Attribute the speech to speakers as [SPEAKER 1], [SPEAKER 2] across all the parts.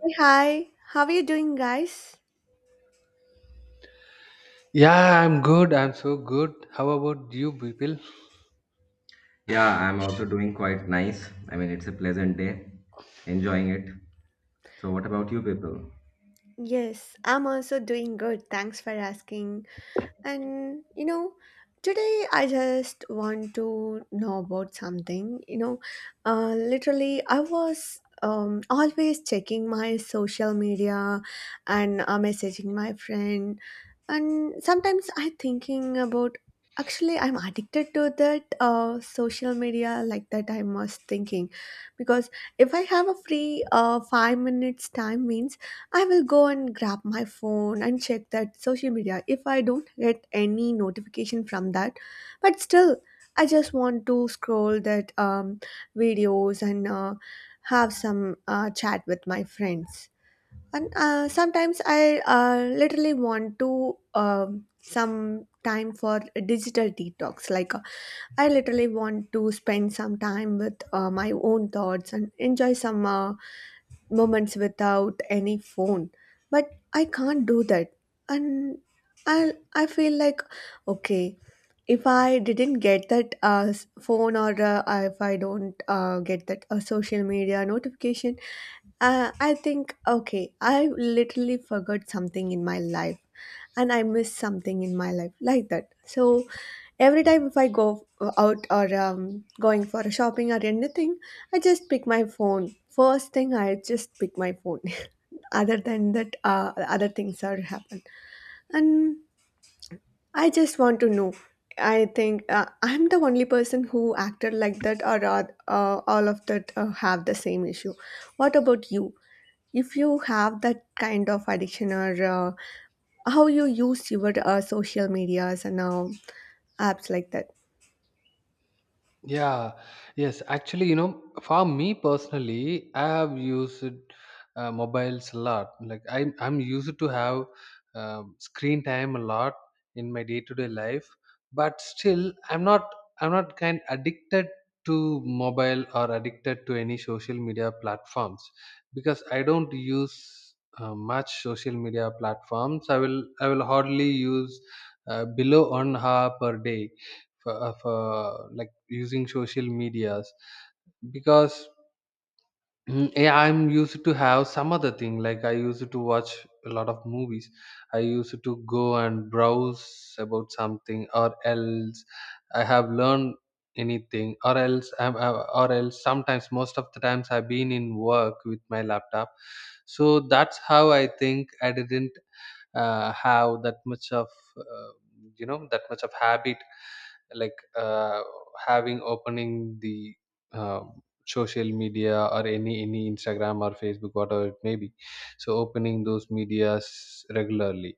[SPEAKER 1] Hey, hi, how are you doing, guys?
[SPEAKER 2] Yeah, I'm good. I'm so good. How about you, people?
[SPEAKER 3] Yeah, I'm also doing quite nice. I mean, it's a pleasant day, enjoying it. So, what about you people?
[SPEAKER 1] Yes, I'm also doing good. Thanks for asking. And you know, Today I just want to know about something. Literally, I was always checking my social media and messaging my friend, and sometimes I thinking about. Actually, I'm addicted to that social media like that. I was thinking, because if I have a free 5 minutes time means I will go and grab my phone and check that social media if I don't get any notification from that. But still, I just want to scroll that videos and have some chat with my friends. And sometimes I literally want to some time for digital detox. Like I literally want to spend some time with my own thoughts and enjoy some. Moments without any phone, but I can't do that. And I feel like, okay, if I didn't get that phone, or if I don't get that social media notification, I think, okay, I literally forgot something in my life and I missed something in my life like that. So every time if I go out, or going for shopping or anything, I just pick my phone. First thing, I just pick my phone. Other than that, other things are happen. And I just want to know, I think I'm the only person who acted like that, or all of that have the same issue. What about you? If you have that kind of addiction, or how you use your social medias and apps like that.
[SPEAKER 2] Yeah, yes. Actually, for me personally, I have used mobiles a lot. Like I'm used to have screen time a lot in my day-to-day life, but still, I'm not kind addicted to mobile or addicted to any social media platforms because I don't use much social media platforms. I will hardly use below 1 hour per day for like using social medias because mm, yeah, I'm used to have some other thing like I used to watch a lot of movies. I used to go and browse about something, or else I have learned anything, or else or else sometimes, most of the times, I've been in work with my laptop. So that's how I think I didn't have uh, that much of habit, like having, opening the uh, social media or any Instagram or Facebook, whatever it may be, so opening those medias regularly.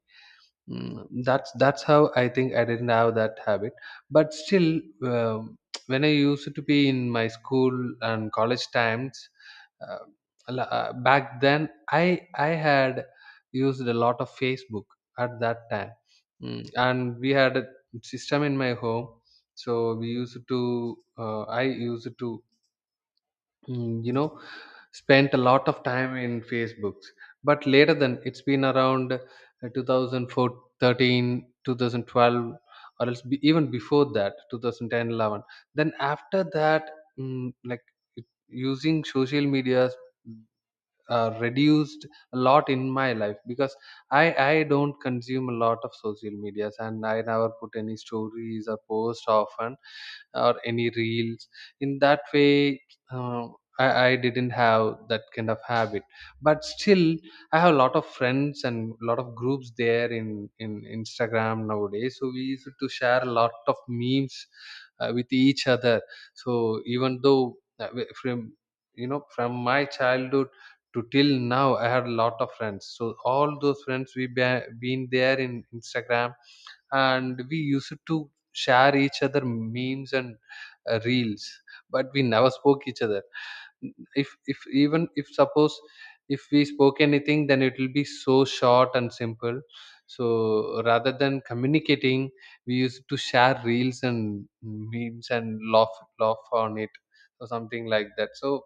[SPEAKER 2] That's how I think I didn't have that habit. But still, when I used to be in my school and college times, uh, back then I had used a lot of Facebook at that time. And we had a system in my home, so we used to I used to mm, you know spent a lot of time in Facebooks. But later than, it's been around 2013, or else even before that, 2010, 11. Then after that, like using social medias reduced a lot in my life because I don't consume a lot of social medias, and I never put any stories or post often, or any reels. In that way, uh, I didn't have that kind of habit, but still, I have a lot of friends and a lot of groups there in Instagram nowadays, so we used to share a lot of memes with each other. So even though from, from my childhood to till now, I had a lot of friends, so all those friends, been there in Instagram, and we used to share each other memes and reels, but we never spoke each other. If even if, suppose, if we spoke anything, then it will be so short and simple. So rather than communicating, we used to share reels and memes and laugh on it, or something like that. So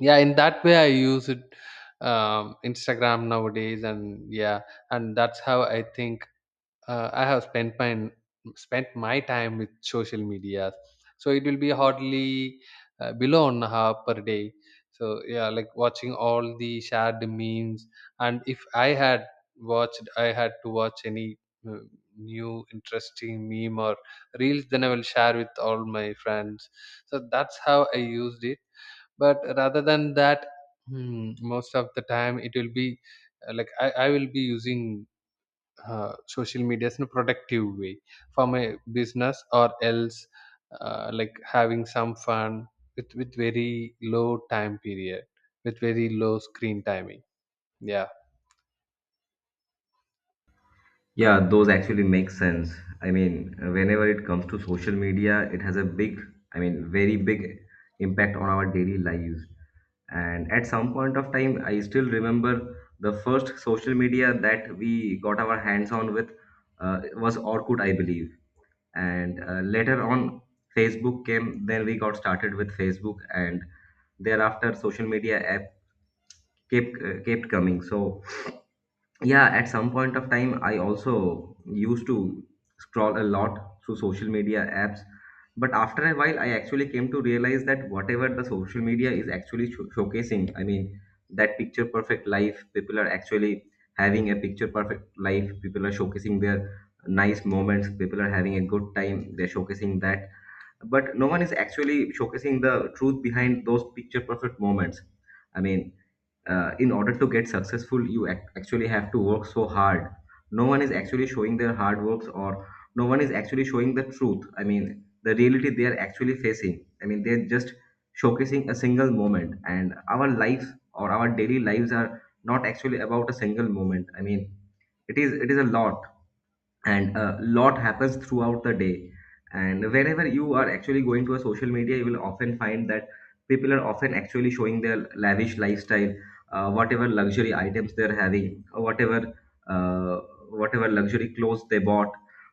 [SPEAKER 2] yeah, in that way I use it, Instagram nowadays, and yeah, and that's how I think I have spent my time with social media. So it will be hardly below an hour per day. So yeah, like watching all the shared memes, and if I had watched I had to watch any uh, new interesting meme or reels, then I will share with all my friends. So that's how I used it. But rather than that, most of the time it will be like I will be using social media in a productive way, for my business, or else like having some fun, with very low time period, with very low screen timing, yeah.
[SPEAKER 3] Yeah, those actually make sense. I mean, whenever it comes to social media, it has a big, I mean, very big impact on our daily lives. And at some point of time, I still remember the first social media that we got our hands on with was Orkut, I believe. And later on, Facebook came. Then we got started with Facebook, and thereafter, social media app kept coming. So yeah, at some point of time I also used to scroll a lot through social media apps. But after a while, I actually came to realize that whatever the social media is actually showcasing, I mean, that picture perfect life, people are actually having a picture perfect life, people are showcasing their nice moments, people are having a good time, they're showcasing that. But no one is actually showcasing the truth behind those picture perfect moments. I mean, in order to get successful, you actually have to work so hard. No one is actually showing their hard works, or no one is actually showing the truth. I mean, the reality they are actually facing, I mean, they're just showcasing a single moment. And our life, or our daily lives, are not actually about a single moment. I mean, it is, it is a lot, and a lot happens throughout the day. And whenever you are actually going to a social media, you will often find that people are often actually showing their lavish lifestyle. Whatever luxury items they're having, or whatever uh, whatever luxury clothes they bought,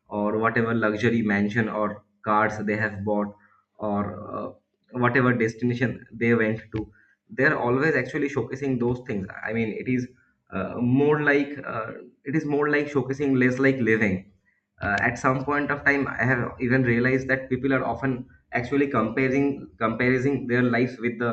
[SPEAKER 3] or whatever luxury mansion or cars they have bought, or uh, whatever destination they went to, they're always actually showcasing those things. I mean, it is more like it is more like showcasing, less like living. At some point of time, I have even realized that people are often actually comparing their lives with the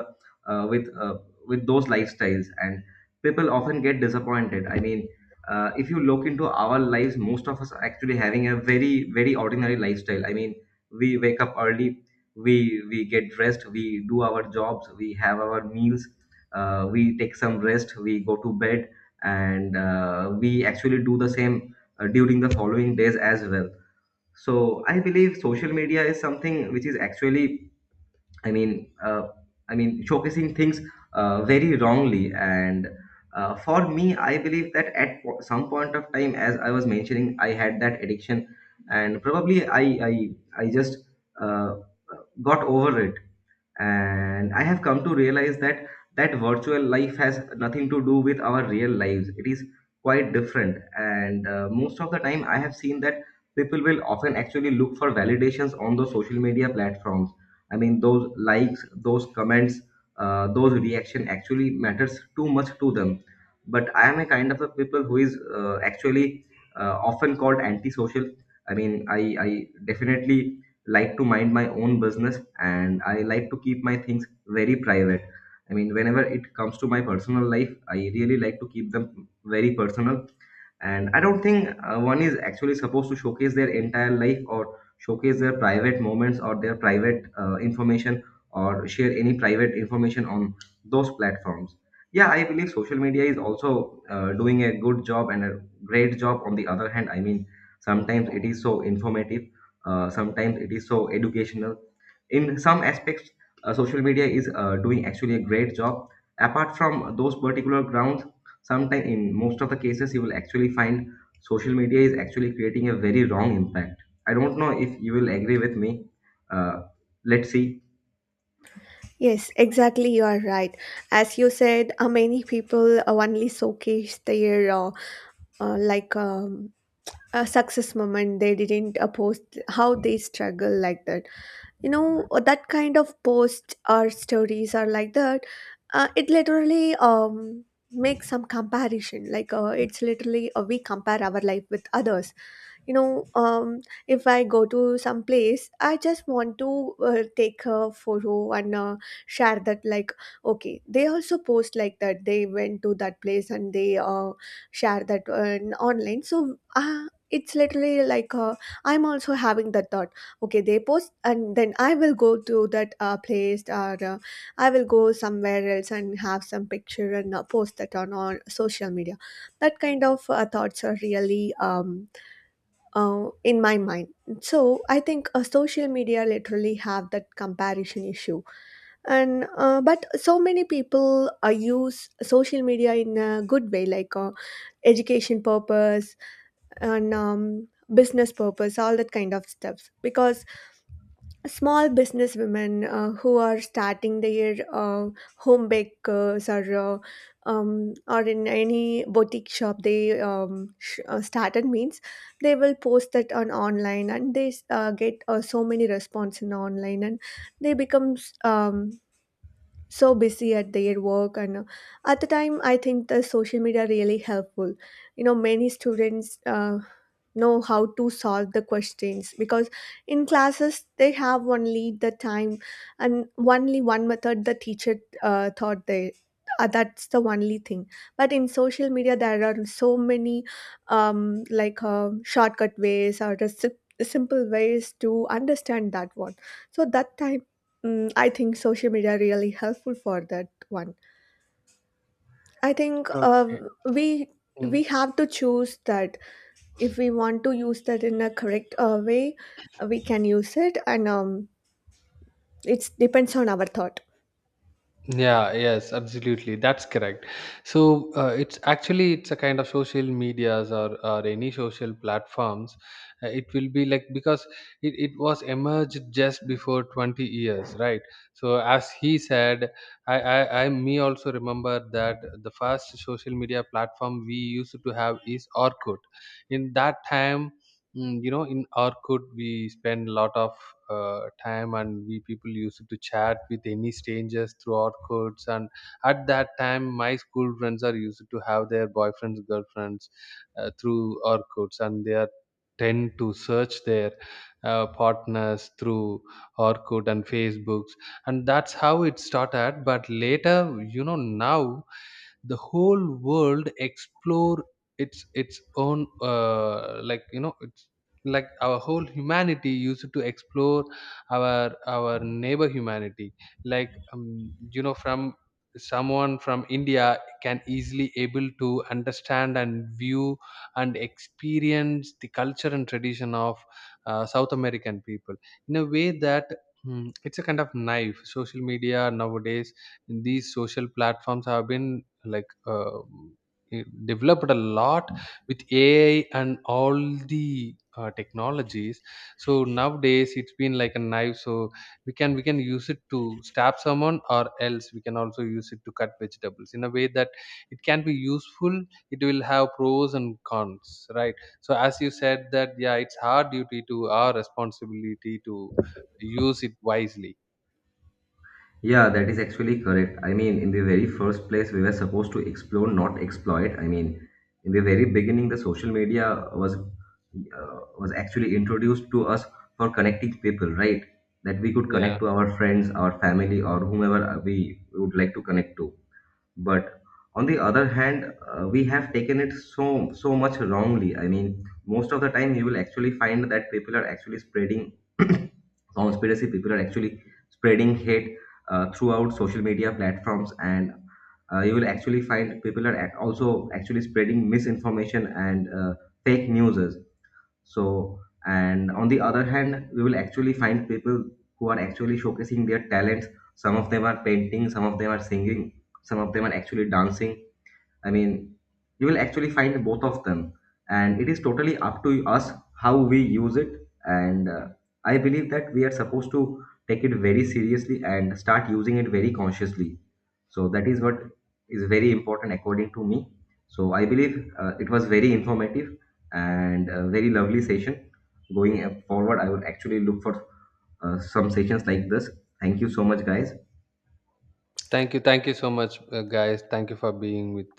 [SPEAKER 3] with with those lifestyles, and people often get disappointed. I mean, if you look into our lives, most of us are actually having a very very ordinary lifestyle. I mean, we wake up early, we get dressed, we do our jobs, we have our meals, we take some rest, we go to bed, and we actually do the same during the following days as well. So I believe social media is something which is actually, i mean uh, I mean, showcasing things very wrongly. And for me, I believe that at some point of time, as I was mentioning, I had that addiction, and probably i, I just uh, got over it. And I have come to realize that that virtual life has nothing to do with our real lives. It is quite different. And most of the time I have seen that people will often actually look for validations on those social media platforms. I mean, those likes, those comments, those reaction actually matters too much to them. But I am a kind of a people who is actually often called antisocial. I mean, I definitely like to mind my own business, and I like to keep my things very private. I mean, whenever it comes to my personal life, I really like to keep them very personal. And I don't think one is actually supposed to showcase their entire life, or showcase their private moments, or their private information, or share any private information on those platforms. Yeah, I believe social media is also doing a good job and a great job on the other hand. I mean, sometimes it is so informative, sometimes it is so educational. In some aspects, social media is doing actually a great job. Apart from those particular grounds, sometimes, in most of the cases, you will actually find social media is actually creating a very wrong impact. I don't know if you will agree with me. uh, let's see.
[SPEAKER 1] Yes, exactly, you are right. As you said, many people only showcase their uh, like um, a success moment. They didn't post how they struggle, like that. You know, that kind of posts or stories are like that. It literally makes some comparison. It's literally, we compare our life with others. you know um, if I go to some place, I just want to take a photo and share that. Like, okay, they also post like that, they went to that place and they share that on online. So it's literally like, I'm also having that thought, okay, they post, and then I will go to that place, or I will go somewhere else and have some picture and post that on social media. That kind of thoughts are really in my mind. So I think social media literally have that comparison issue. And but so many people use social media in a good way, like education purpose, and business purpose, all that kind of stuff. Because small businesswomen who are starting their home bakers, or in any boutique shop, they started means they will post that on online, and they get so many response in online, and they becomes so busy at their work. And at the time, I think the social media really helpful. You know, many students know how to solve the questions, because in classes they have only the time, and only one method the teacher thought they, that's the only thing. But in social media there are so many, shortcut ways, or the simple ways to understand that one. So that time, mm, I think social media really helpful for that one. I think,
[SPEAKER 2] Okay.
[SPEAKER 1] we have to choose that. If we want to use that in a correct way, we can use it, and it depends on our thought.
[SPEAKER 2] Yeah, yes, absolutely, that's correct. So it's actually, it's a kind of social medias, or any social platforms. It will be like, because it was emerged just before 20 years, right? So as he said, I me also remember that the first social media platform we used to have is Orkut. In that time, in Orkut we spend a lot of time, and we people used to chat with any strangers through Orkuts, and at that time my school friends are used to have their boyfriends, girlfriends through Orkuts, and they are tend to search their partners through Orkut and Facebooks, and that's how it started. But later, you know now the whole world explore its own, like, it's like our whole humanity used to explore our neighbor humanity. Like, from, someone from India can easily able to understand and view and experience the culture and tradition of South American people, in a way that, it's a kind of knife, social media nowadays. These social platforms have been, like, it developed a lot with AI and all the technologies, so nowadays it's been like a knife. So we can use it to stab someone, or else we can also use it to cut vegetables, in a way that it can be useful. It will have pros and cons, right? So as you said, that yeah, it's our duty, to our responsibility, to use it wisely.
[SPEAKER 3] Yeah, that is actually correct. I mean, in the very first place, we were supposed to explore, not exploit. I mean, in the very beginning, the social media was actually introduced to us for connecting people, right? That we could
[SPEAKER 2] Yeah.
[SPEAKER 3] connect to our friends, our family, or whomever we would like to connect to. But on the other hand, we have taken it so so much wrongly. I mean, most of the time you will actually find that people are actually spreading conspiracy. People are actually spreading hate throughout social media platforms, and you will actually find people are also actually spreading misinformation and fake news. So, and on the other hand, we will actually find people who are actually showcasing their talents. Some of them are painting, some of them are singing, some of them are actually dancing. I mean, you will actually find both of them, and it is totally up to us how we use it. And I believe that we are supposed to take it very seriously and start using it very consciously. So that is what is very important according to me. So I believe it was very informative and a very lovely session. Going forward, I will actually look for some sessions like this. Thank you so much, guys.
[SPEAKER 2] Thank you so much, guys. Thank you for being with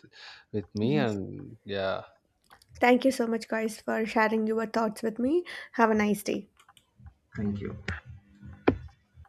[SPEAKER 2] with me,
[SPEAKER 1] Yes.
[SPEAKER 2] and yeah,
[SPEAKER 1] Thank you so much, guys, for sharing your thoughts with me. Have a nice day.
[SPEAKER 3] Thank you.